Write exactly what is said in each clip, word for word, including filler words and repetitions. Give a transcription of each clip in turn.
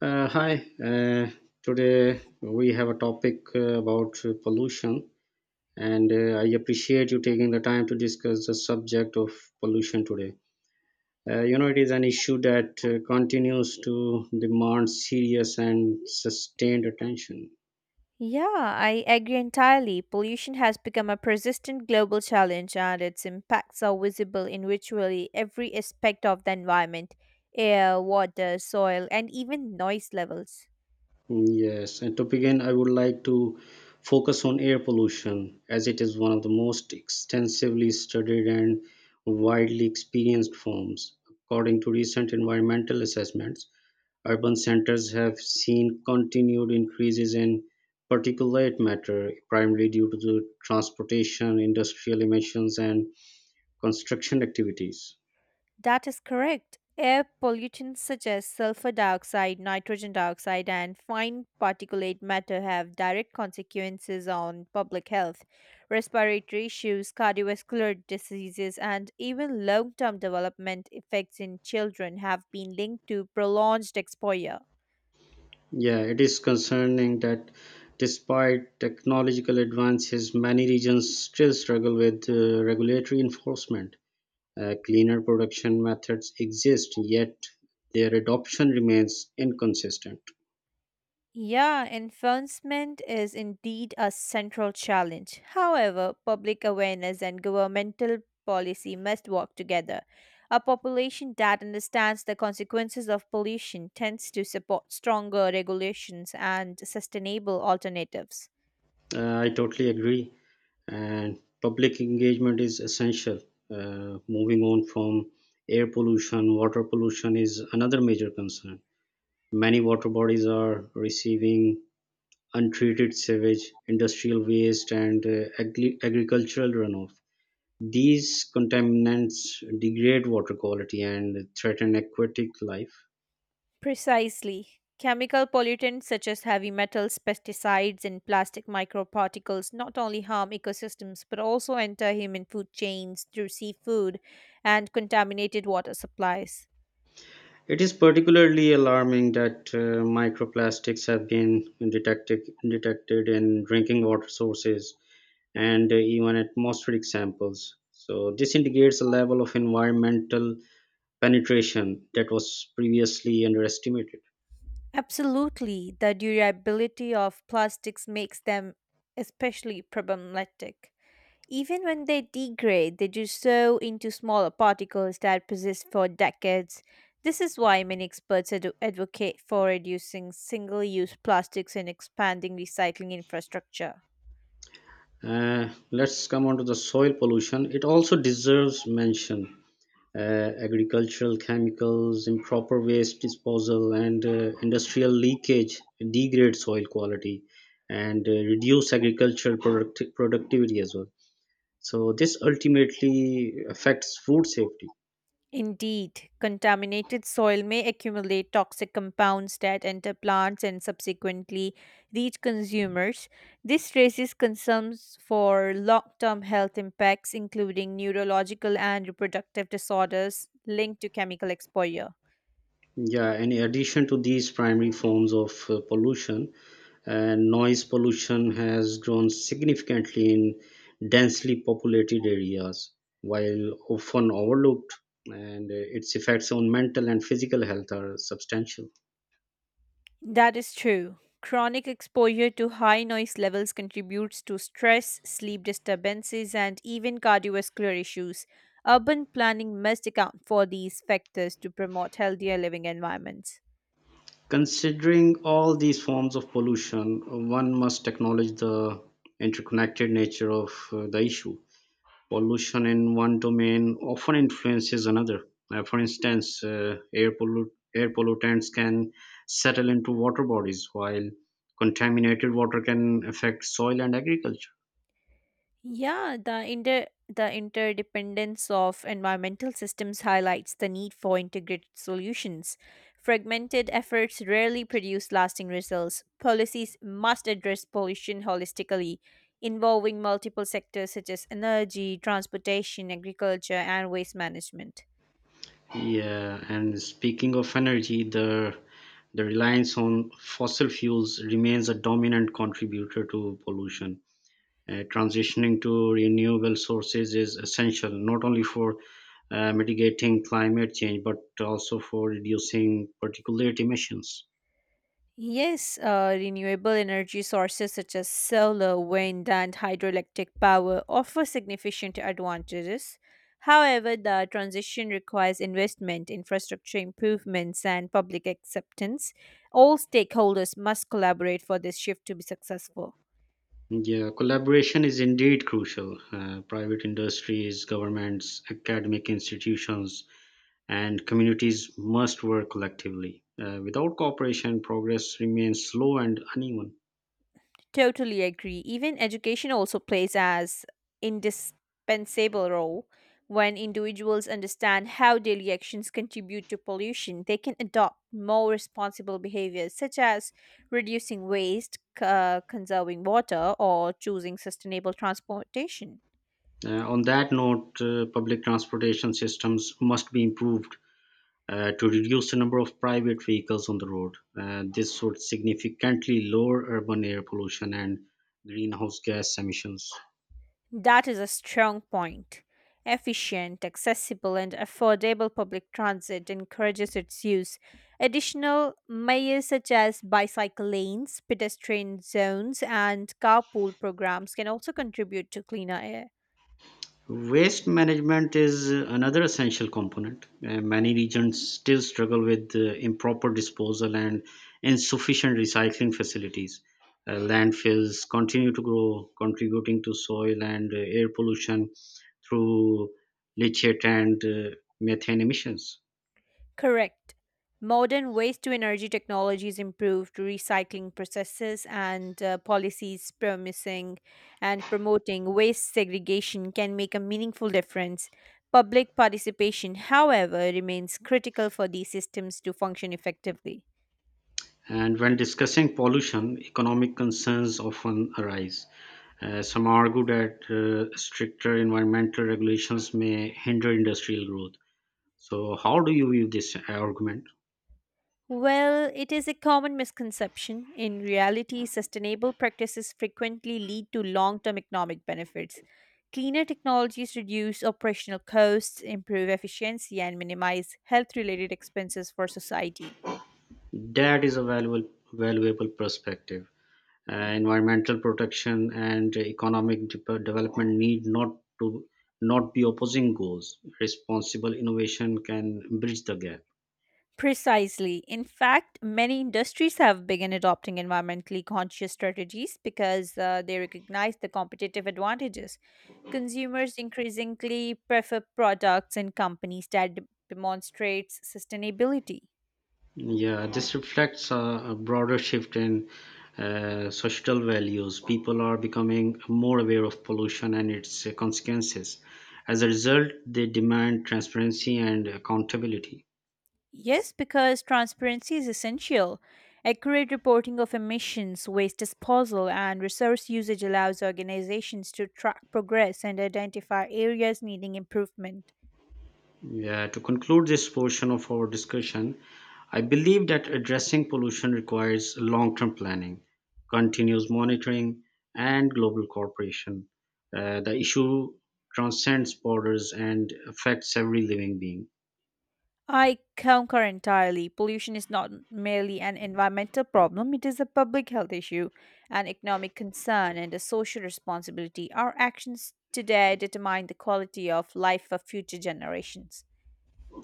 Uh, hi, uh, today we have a topic uh, about uh, pollution, and uh, I appreciate you taking the time to discuss the subject of pollution today. Uh, you know, it is an issue that uh, continues to demand serious and sustained attention. Yeah, I agree entirely. Pollution has become a persistent global challenge, and its impacts are visible in virtually every aspect of the environment: air, water, soil, and even noise levels. Mm, yes, and to begin, I would like to focus on air pollution as it is one of the most extensively studied and widely experienced forms. According to recent environmental assessments, urban centers have seen continued increases in particulate matter, primarily due to the transportation, industrial emissions, and construction activities. That is correct. Air pollutants such as sulfur dioxide, nitrogen dioxide, and fine particulate matter have direct consequences on public health, respiratory issues, cardiovascular diseases, and even long term development effects in children have been linked to prolonged exposure. Yeah, it is concerning that despite technological advances, many regions still struggle with uh, regulatory enforcement. Uh, cleaner production methods exist, yet their adoption remains inconsistent. Yeah, enforcement is indeed a central challenge. However, public awareness and governmental policy must work together. A population that understands the consequences of pollution tends to support stronger regulations and sustainable alternatives. Uh, I totally agree, and public engagement is essential. Uh, moving on from air pollution, water pollution is another major concern. Many water bodies are receiving untreated sewage, industrial waste, and uh, agri- agricultural runoff. These contaminants degrade water quality and threaten aquatic life. Precisely. Chemical pollutants such as heavy metals, pesticides, and plastic microparticles not only harm ecosystems but also enter human food chains through seafood and contaminated water supplies. It is particularly alarming that uh, microplastics have been detected, detected in drinking water sources and uh, even atmospheric samples. So this indicates a level of environmental penetration that was previously underestimated. Absolutely, the durability of plastics makes them especially problematic. Even when they degrade, they do so into smaller particles that persist for decades. This is why many experts ad- advocate for reducing single use plastics and expanding recycling infrastructure. Uh, let's come on to the soil pollution. It also deserves mention uh, Agricultural chemicals, improper waste disposal, and uh, industrial leakage degrade soil quality and uh, reduce agricultural product- productivity as well. So this ultimately affects food safety. Indeed, contaminated soil may accumulate toxic compounds that enter plants and subsequently reach consumers. This raises concerns for long term health impacts, including neurological and reproductive disorders linked to chemical exposure. Yeah, in addition to these primary forms of uh, pollution, and noise pollution has grown significantly in densely populated areas, while often overlooked, and uh, its effects on mental and physical health are substantial. That is true. Chronic exposure to high noise levels contributes to stress, sleep disturbances, and even cardiovascular issues. Urban planning must account for these factors to promote healthier living environments. Considering all these forms of pollution, one must acknowledge the interconnected nature of uh, the issue. Pollution in one domain often influences another. Uh, for instance, uh, air, pollu- air pollutants can settle into water bodies, while contaminated water can affect soil and agriculture. Yeah, the inter the interdependence of environmental systems highlights the need for integrated solutions. Fragmented efforts rarely produce lasting results. Policies must address pollution holistically, involving multiple sectors such as energy, transportation, agriculture, and waste management. Yeah, and speaking of energy, the the reliance on fossil fuels remains a dominant contributor to pollution. Uh, transitioning to renewable sources is essential not only for uh, mitigating climate change but also for reducing particulate emissions. Yes, uh, renewable energy sources such as solar, wind, and hydroelectric power offer significant advantages. However, the transition requires investment, infrastructure improvements, and public acceptance. All stakeholders must collaborate for this shift to be successful. Yeah, collaboration is indeed crucial. Uh, private industries, governments, academic institutions, and communities must work collectively. Uh, without cooperation, progress remains slow and uneven. Totally agree. Even education also plays as indispensable role. When individuals understand how daily actions contribute to pollution, they can adopt more responsible behaviors such as reducing waste, c- uh, conserving water, or choosing sustainable transportation. Uh, on that note, uh, public transportation systems must be improved uh, to reduce the number of private vehicles on the road. Uh, this would significantly lower urban air pollution and greenhouse gas emissions. That is a strong point. Efficient, accessible, and affordable public transit encourages its use. Additional measures such as bicycle lanes, pedestrian zones, and carpool programs can also contribute to cleaner air. Waste management is uh, another essential component. Uh, many regions still struggle with uh, improper disposal and insufficient recycling facilities. Uh, landfills continue to grow, contributing to soil and uh, air pollution through leachate and uh, methane emissions. Correct. Modern waste to energy technologies improved recycling processes and uh, policies promising and promoting waste segregation can make a meaningful difference. Public participation, however, remains critical for these systems to function effectively. And when discussing pollution, economic concerns often arise. Uh, some argue that uh, stricter environmental regulations may hinder industrial growth. So, how do you view this argument? Well, it is a common misconception. In reality, sustainable practices frequently lead to long term economic benefits. Cleaner technologies reduce operational costs, improve efficiency, and minimize health related expenses for society. That is a valuable, valuable perspective. Uh, environmental protection and economic de- development need not to not be opposing goals. Responsible innovation can bridge the gap. Precisely. In fact, many industries have begun adopting environmentally conscious strategies because uh, they recognize the competitive advantages. Consumers increasingly prefer products and companies that de- demonstrates sustainability. Yeah, this reflects a, a broader shift in uh, societal values. People are becoming more aware of pollution and its uh, consequences. As a result, they demand transparency and accountability. Yes, because transparency is essential. Accurate reporting of emissions, waste disposal, and resource usage allows organizations to track progress and identify areas needing improvement. Yeah, to conclude this portion of our discussion, I believe that addressing pollution requires long term planning, continuous monitoring, and global cooperation. Uh, the issue transcends borders and affects every living being. I concur entirely. Pollution is not merely an environmental problem, it is a public health issue, an economic concern, and a social responsibility. Our actions today determine the quality of life for future generations.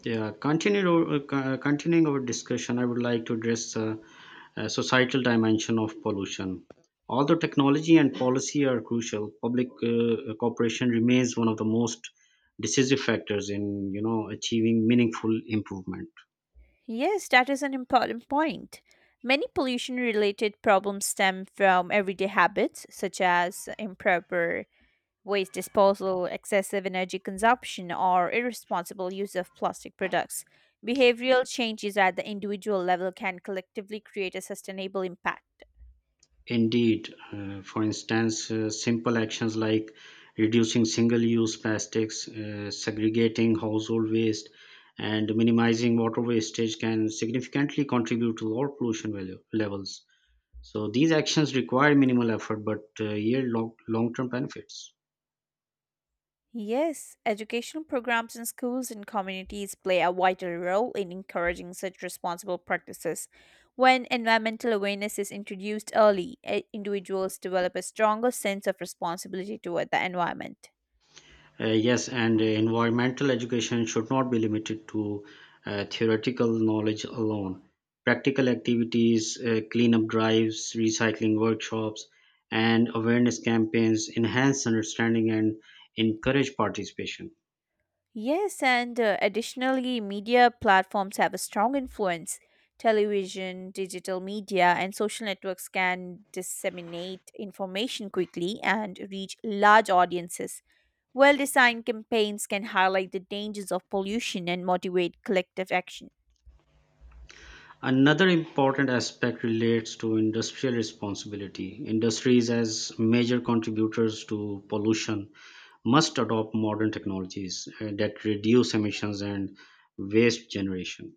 Yeah, continue, uh, co- uh, continuing our discussion, I would like to address uh, a societal dimension of pollution. Although technology and policy are crucial, public uh, uh, cooperation remains one of the most decisive factors in you know achieving meaningful improvement. Yes, that is an important point. Many pollution related problems stem from everyday habits such as improper waste disposal, excessive energy consumption, or irresponsible use of plastic products. Behavioral changes at the individual level can collectively create a sustainable impact. Indeed, uh, for instance, uh, simple actions like reducing single-use plastics, uh, segregating household waste, and minimizing water wastage can significantly contribute to lower pollution value levels. So these actions require minimal effort but uh, yield long, long-term benefits. Yes, educational programs in schools and communities play a vital role in encouraging such responsible practices. When environmental awareness is introduced early, eh, individuals develop a stronger sense of responsibility toward the environment. Uh, yes, and uh, Environmental education should not be limited to uh, theoretical knowledge alone. Practical activities, uh, cleanup drives, recycling workshops, and awareness campaigns enhance understanding and encourage participation. Yes, and uh, additionally, media platforms have a strong influence. Television, digital media, and social networks can disseminate information quickly and reach large audiences. Well designed campaigns can highlight the dangers of pollution and motivate collective action. Another important aspect relates to industrial responsibility. Industries as major contributors to pollution must adopt modern technologies uh, that reduce emissions and waste generation.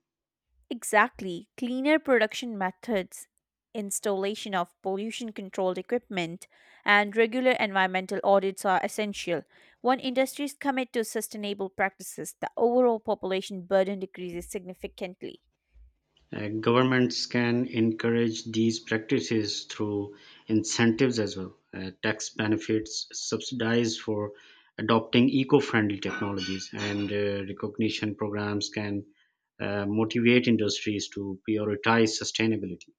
Exactly. Cleaner production methods, installation of pollution controlled equipment, and regular environmental audits are essential. When industries commit to sustainable practices, the overall population burden decreases significantly. Uh, governments can encourage these practices through incentives as well, uh, tax benefits, subsidies for adopting eco friendly technologies, and uh, recognition programs can uh, motivate industries to prioritize sustainability.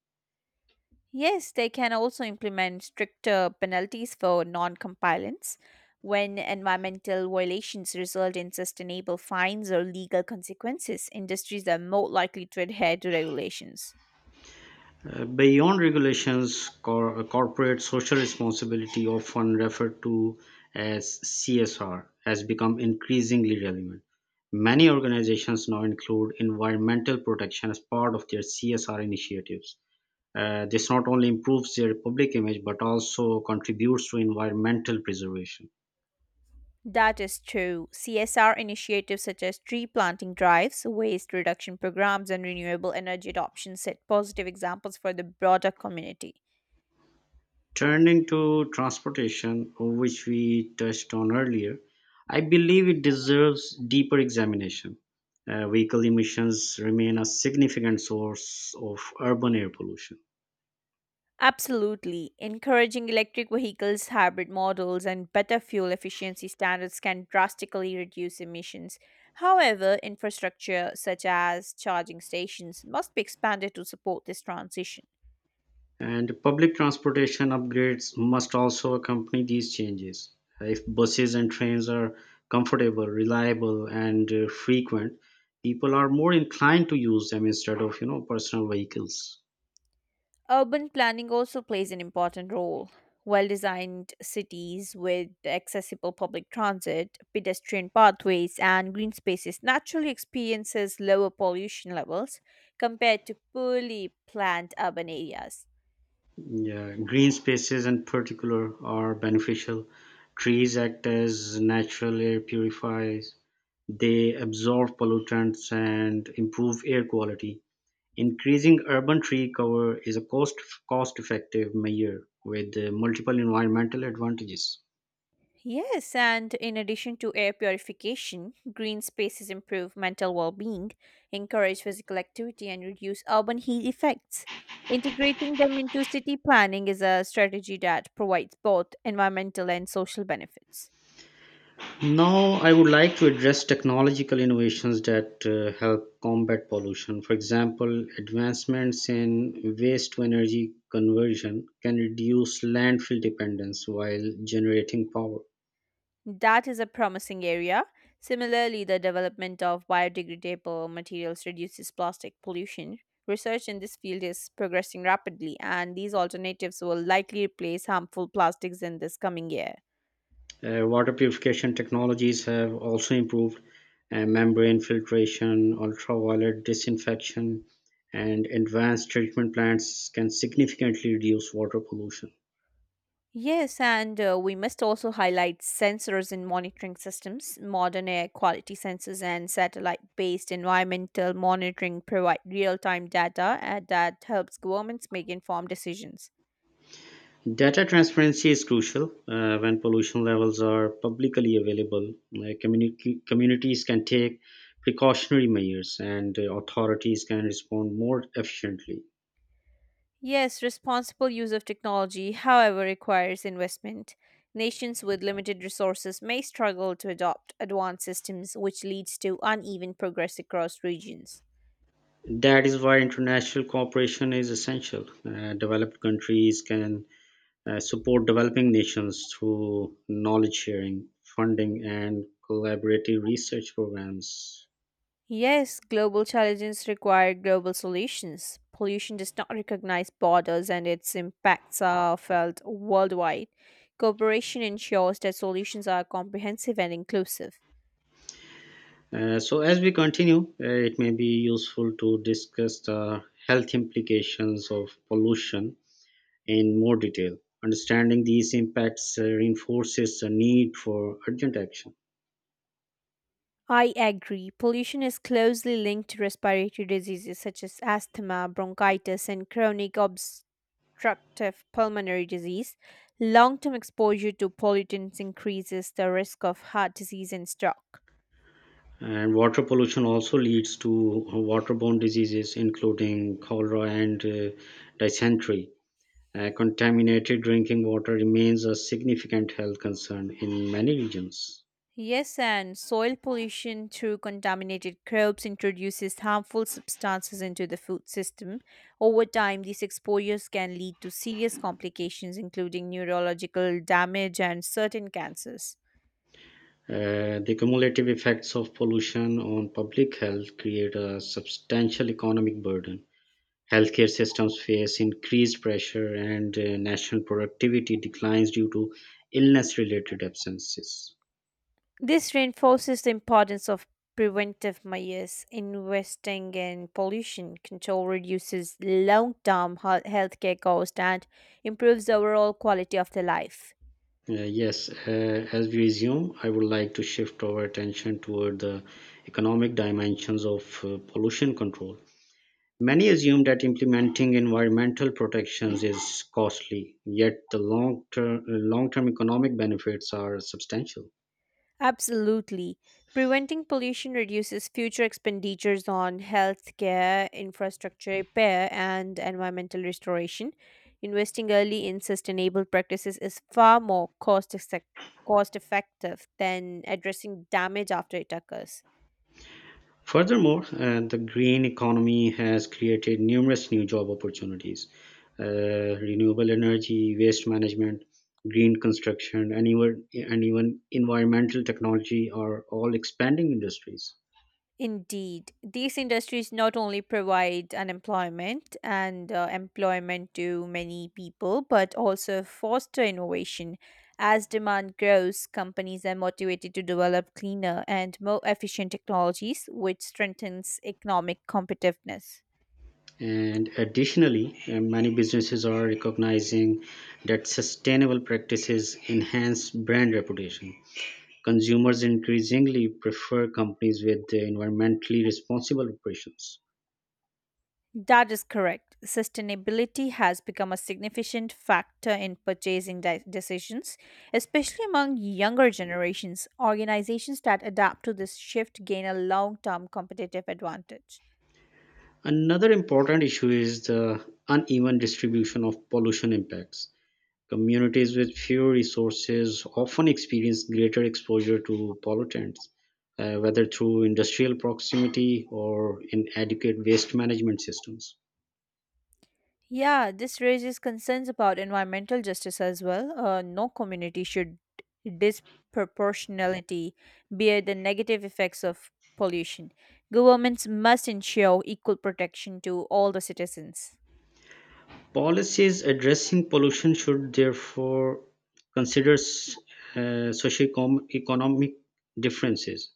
Yes, they can also implement stricter penalties for non compliance when environmental violations result in sustainable fines or legal consequences. Industries are more likely to adhere to regulations. Uh, Beyond regulations, cor- corporate social responsibility, often referred to as C S R, has become increasingly relevant. Many organizations now include environmental protection as part of their C S R initiatives. Uh, this not only improves their public image but also contributes to environmental preservation. That is true. C S R initiatives such as tree planting drives, waste reduction programs, and renewable energy adoption set positive examples for the broader community. Turning to transportation, which we touched on earlier, I believe it deserves deeper examination. Uh, vehicle emissions remain a significant source of urban air pollution, Absolutely. Encouraging electric vehicles, hybrid models, and better fuel efficiency standards can drastically reduce emissions. However, infrastructure such as charging stations must be expanded to support this transition. and public transportation upgrades must also accompany these changes. If buses and trains are comfortable, reliable, and uh, frequent, people are more inclined to use them instead of you know personal vehicles. Urban planning also plays an important role. Well designed cities with accessible public transit, pedestrian pathways, and green spaces naturally experiences lower pollution levels compared to poorly planned urban areas. Yeah, green spaces in particular are beneficial. Trees act as natural air purifiers. They absorb pollutants and improve air quality. Increasing urban tree cover is a cost cost effective measure with uh, multiple environmental advantages. Yes, and in addition to air purification, green spaces improve mental well being, encourage physical activity, and reduce urban heat effects. Integrating them into city planning is a strategy that provides both environmental and social benefits. Now, I would like to address technological innovations that uh, help combat pollution. For example, advancements in waste to energy conversion can reduce landfill dependence while generating power. That is a promising area. Similarly, the development of biodegradable materials reduces plastic pollution. Research in this field is progressing rapidly, and these alternatives will likely replace harmful plastics in this coming year. Uh, water purification technologies have also improved uh, membrane filtration, ultraviolet disinfection, and advanced treatment plants can significantly reduce water pollution. Yes, and uh, we must also highlight sensors and monitoring systems. Modern air quality sensors and satellite based environmental monitoring provide real time data uh, that helps governments make informed decisions. Data transparency is crucial uh, when pollution levels are publicly available. Like community, communities can take precautionary measures and uh, authorities can respond more efficiently. Yes, responsible use of technology, however, requires investment. Nations with limited resources may struggle to adopt advanced systems, which leads to uneven progress across regions. That is why international cooperation is essential. Uh, developed countries can uh, support developing nations through knowledge sharing, funding, and collaborative research programs. Yes, global challenges require global solutions. Pollution does not recognize borders and its impacts are felt worldwide. Cooperation ensures that solutions are comprehensive and inclusive. Uh, so as we continue, uh, it may be useful to discuss the health implications of pollution in more detail. Understanding these impacts uh, reinforces the need for urgent action. I agree. Pollution is closely linked to respiratory diseases such as asthma, bronchitis, and chronic obstructive pulmonary disease. Long term exposure to pollutants increases the risk of heart disease and stroke. And water pollution also leads to waterborne diseases, including cholera and uh, dysentery. Uh, contaminated drinking water remains a significant health concern in many regions. Yes, and soil pollution through contaminated crops introduces harmful substances into the food system. Over time, these exposures can lead to serious complications, including neurological damage and certain cancers. Uh, the cumulative effects of pollution on public health create a substantial economic burden. Healthcare systems face increased pressure, and uh, national productivity declines due to illness related absences. This reinforces the importance of preventive measures. Investing in pollution control reduces long term healthcare costs and improves the overall quality of the life. Uh, yes, uh, as we resume, I would like to shift our attention toward the economic dimensions of uh, pollution control. Many assume that implementing environmental protections is costly, yet the long-term long-term economic benefits are substantial. Absolutely. Preventing pollution reduces future expenditures on healthcare, infrastructure repair, and environmental restoration. Investing early in sustainable practices is far more cost, cost effective than addressing damage after it occurs. Furthermore, uh, the green economy has created numerous new job opportunities. Uh, renewable energy, waste management, green construction, and even, and even environmental technology are all expanding industries. Indeed, these industries not only provide unemployment and uh, employment to many people, but also foster innovation. As demand grows, companies are motivated to develop cleaner and more efficient technologies, which strengthens economic competitiveness. And additionally, uh, many businesses are recognizing that sustainable practices enhance brand reputation. Consumers increasingly prefer companies with uh, environmentally responsible operations. That is correct. Sustainability has become a significant factor in purchasing de- decisions, especially among younger generations. Organizations that adapt to this shift gain a long term competitive advantage. Another important issue is the uneven distribution of pollution impacts. Communities with few resources often experience greater exposure to pollutants, uh, whether through industrial proximity or inadequate waste management systems. Yeah, this raises concerns about environmental justice as well. Uh, no community should disproportionality bear the negative effects of pollution. Governments must ensure equal protection to all the citizens. Policies addressing pollution should therefore consider s- uh, socioeconomic differences.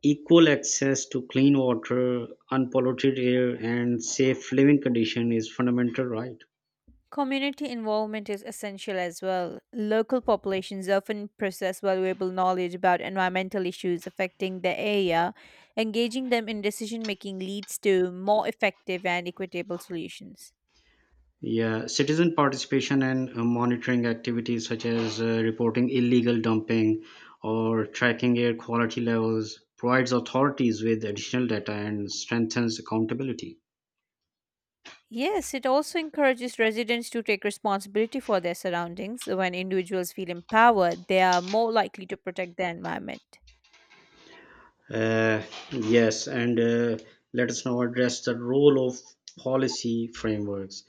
Equal access to clean water, unpolluted air, and safe living condition is fundamental right. Community involvement is essential as well. Local populations often possess valuable knowledge about environmental issues affecting their area. Engaging them in decision making leads to more effective and equitable solutions. Yeah, citizen participation and uh, monitoring activities such as uh, reporting illegal dumping or tracking air quality levels provides authorities with additional data and strengthens accountability. Yes, it also encourages residents to take responsibility for their surroundings. When individuals feel empowered, they are more likely to protect their environment. Uh, yes, and uh, Let us now address the role of policy frameworks.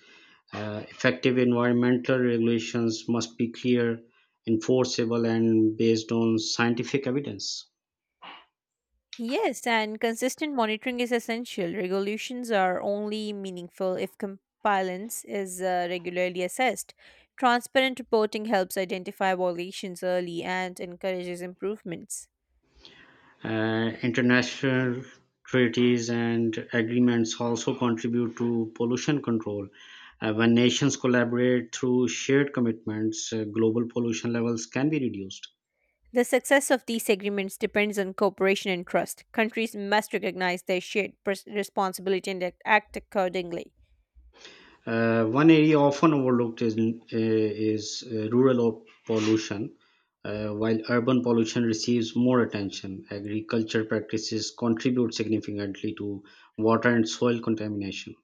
Uh, effective environmental regulations must be clear, enforceable, and based on scientific evidence. Yes, and consistent monitoring is essential. Regulations are only meaningful if compliance is uh, regularly assessed. Transparent reporting helps identify violations early and encourages improvements. Uh, international treaties and agreements also contribute to pollution control. Uh, when nations collaborate through shared commitments, uh, global pollution levels can be reduced. The success of these agreements depends on cooperation and trust. Countries must recognize their shared pers- responsibility and act act accordingly. Uh, one area often overlooked is, uh, is uh, rural o- pollution. Uh, while urban pollution receives more attention, agriculture practices contribute significantly to water and soil contamination.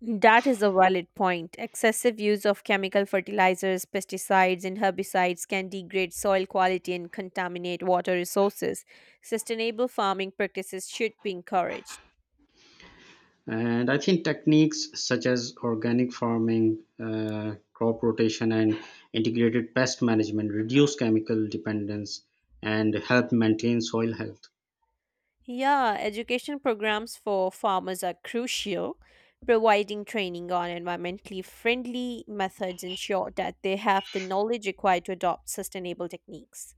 That is a valid point. Excessive use of chemical fertilizers, pesticides, and herbicides can degrade soil quality and contaminate water resources. Sustainable farming practices should be encouraged. And I think techniques such as organic farming, uh, crop rotation, and integrated pest management reduce chemical dependence and help maintain soil health. Yeah, education programs for farmers are crucial. Providing training on environmentally friendly methods ensure that they have the knowledge required to adopt sustainable techniques.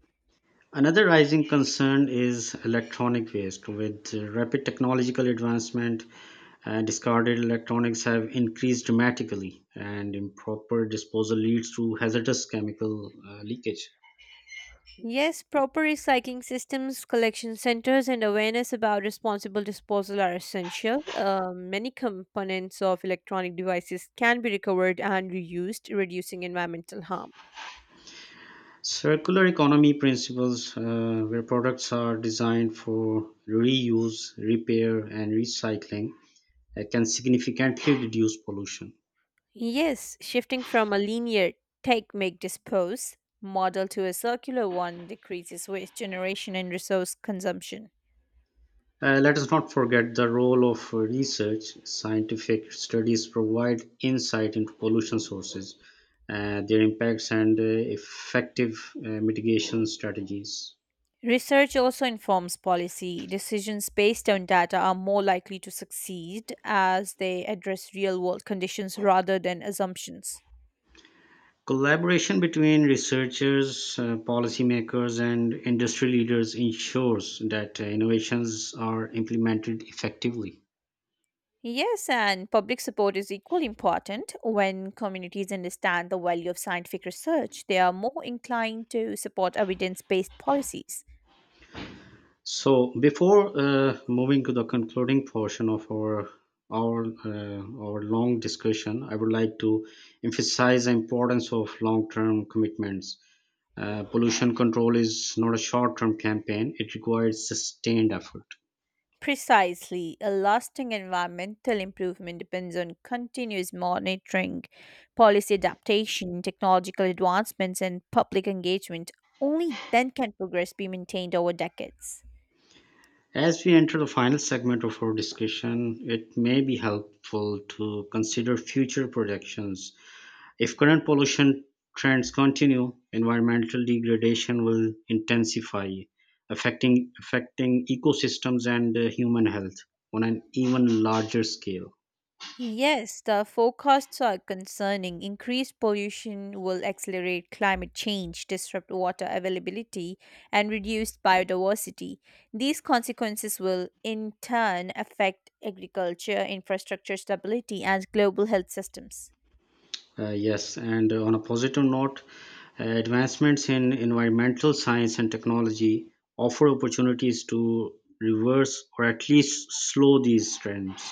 Another rising concern is electronic waste. With uh, rapid technological advancement, uh, discarded electronics have increased dramatically, and improper disposal leads to hazardous chemical uh, leakage. Yes, proper recycling systems, collection centers, and awareness about responsible disposal are essential. Uh, many components of electronic devices can be recovered and reused, reducing environmental harm. Circular economy principles, uh, where products are designed for reuse, repair, and recycling, uh, can significantly reduce pollution. Yes, shifting from a linear take, make, dispose model to a circular one decreases waste generation and resource consumption. Uh, let us not forget the role of research. Scientific studies provide insight into pollution sources, uh, their impacts, and uh, effective uh, mitigation strategies. Research also informs policy. Decisions based on data are more likely to succeed as they address real world conditions rather than assumptions. Collaboration between researchers, uh, policymakers, and industry leaders ensures that uh, innovations are implemented effectively. Yes, and public support is equally important. When communities understand the value of scientific research, they are more inclined to support evidence based policies. So before uh, moving to the concluding portion of our our uh, our long discussion, I would like to emphasize the importance of long-term commitments. Uh, pollution control is not a short-term campaign; it requires sustained effort. Precisely, a lasting environmental improvement depends on continuous monitoring, policy adaptation, technological advancements, and public engagement. Only then can progress be maintained over decades. As we enter the final segment of our discussion, it may be helpful to consider future projections. If current pollution trends continue, environmental degradation will intensify, affecting affecting ecosystems and uh, human health on an even larger scale. Yes, the forecasts are concerning. Increased pollution will accelerate climate change, disrupt water availability, and reduce biodiversity. These consequences will, in turn, affect agriculture, infrastructure stability, and global health systems. Uh, yes, and uh, On a positive note, uh, advancements in environmental science and technology offer opportunities to reverse or at least slow these trends.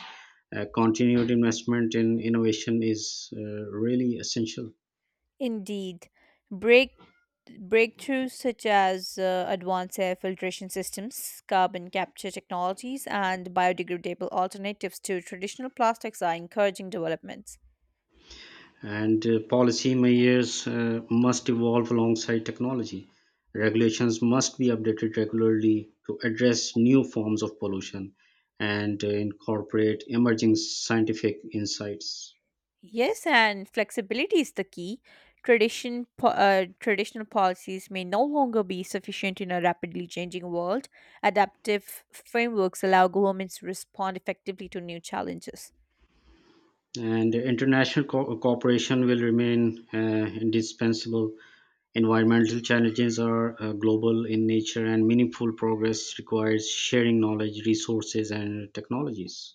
Uh, continued investment in innovation is uh, really essential. Indeed, break breakthroughs such as uh, advanced air filtration systems, carbon capture technologies, and biodegradable alternatives to traditional plastics are encouraging developments. And uh, policy measures uh, must evolve alongside technology. Regulations must be updated regularly to address new forms of pollution and uh, incorporate emerging scientific insights. Yes, and flexibility is the key. Tradition, po- uh, traditional policies may no longer be sufficient in a rapidly changing world. Adaptive frameworks allow governments to respond effectively to new challenges. And international co- cooperation will remain uh, indispensable. Environmental challenges are uh, global in nature, and meaningful progress requires sharing knowledge, resources, and technologies.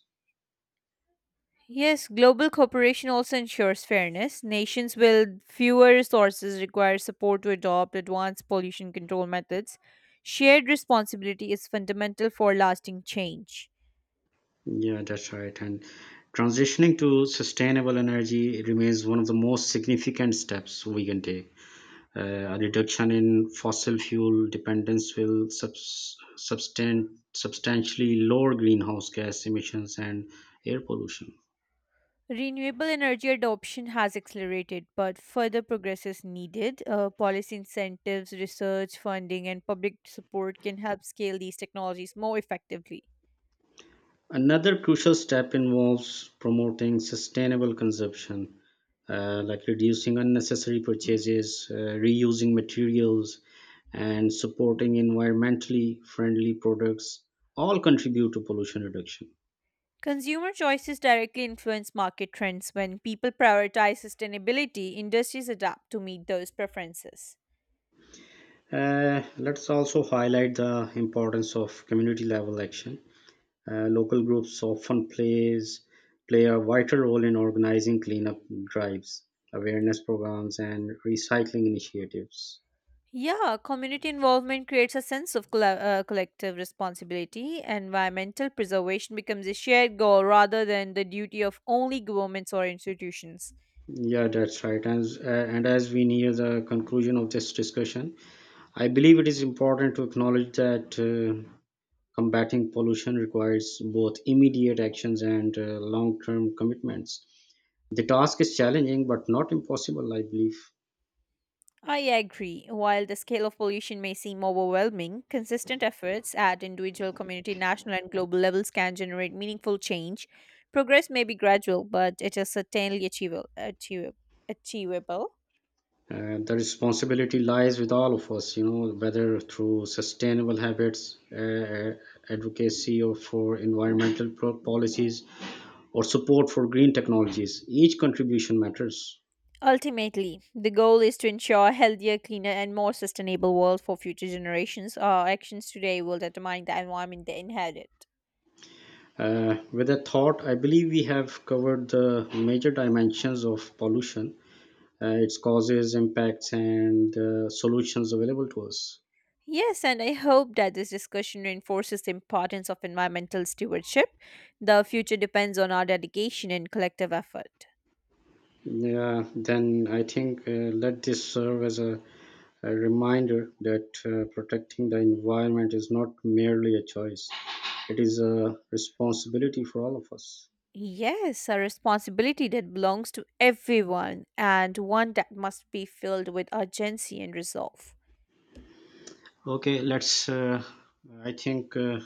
Yes, global cooperation also ensures fairness. Nations with fewer resources require support to adopt advanced pollution control methods. Shared responsibility is fundamental for lasting change. Yeah, that's right. And transitioning to sustainable energy remains one of the most significant steps we can take. Uh, a reduction in fossil fuel dependence will subs- substan- substantially lower greenhouse gas emissions and air pollution. Renewable energy adoption has accelerated, but further progress is needed. Uh, policy incentives, research funding, and public support can help scale these technologies more effectively. Another crucial step involves promoting sustainable consumption, uh, like reducing unnecessary purchases, uh, reusing materials, and supporting environmentally friendly products, all contribute to pollution reduction. Consumer choices directly influence market trends. When people prioritize sustainability, industries adapt to meet those preferences. Uh, let's also highlight the importance of community level action. Uh, local groups often plays play a vital role in organizing cleanup drives, awareness programs, and recycling initiatives. Yeah, community involvement creates a sense of colla- uh, collective responsibility. Environmental preservation becomes a shared goal rather than the duty of only governments or institutions. Yeah, that's right. And, as- uh, and as we near the conclusion of this discussion, I believe it is important to acknowledge that uh, combating pollution requires both immediate actions and uh, long term commitments. The task is challenging but not impossible, I believe. I agree. While the scale of pollution may seem overwhelming, consistent efforts at individual, community, national, and global levels can generate meaningful change. Progress may be gradual, but it is certainly achievable. achievable. achievable. Uh, the responsibility lies with all of us, you know, whether through sustainable habits, uh, uh, advocacy, or for environmental pro- policies, or support for green technologies. Each contribution matters. Ultimately, the goal is to ensure a healthier, cleaner, and more sustainable world for future generations. Our actions today will determine the environment they inherit. Uh, with a thought, I believe we have covered the major dimensions of pollution, uh, its causes, impacts, and uh, solutions available to us. Yes, and I hope that this discussion reinforces the importance of environmental stewardship. The future depends on our dedication and collective effort. Yeah, then I think uh, let this serve as a, a reminder that uh, protecting the environment is not merely a choice, it is a responsibility for all of us. Yes, a responsibility that belongs to everyone and one that must be filled with urgency and resolve. Okay, let's, uh, I think. Uh,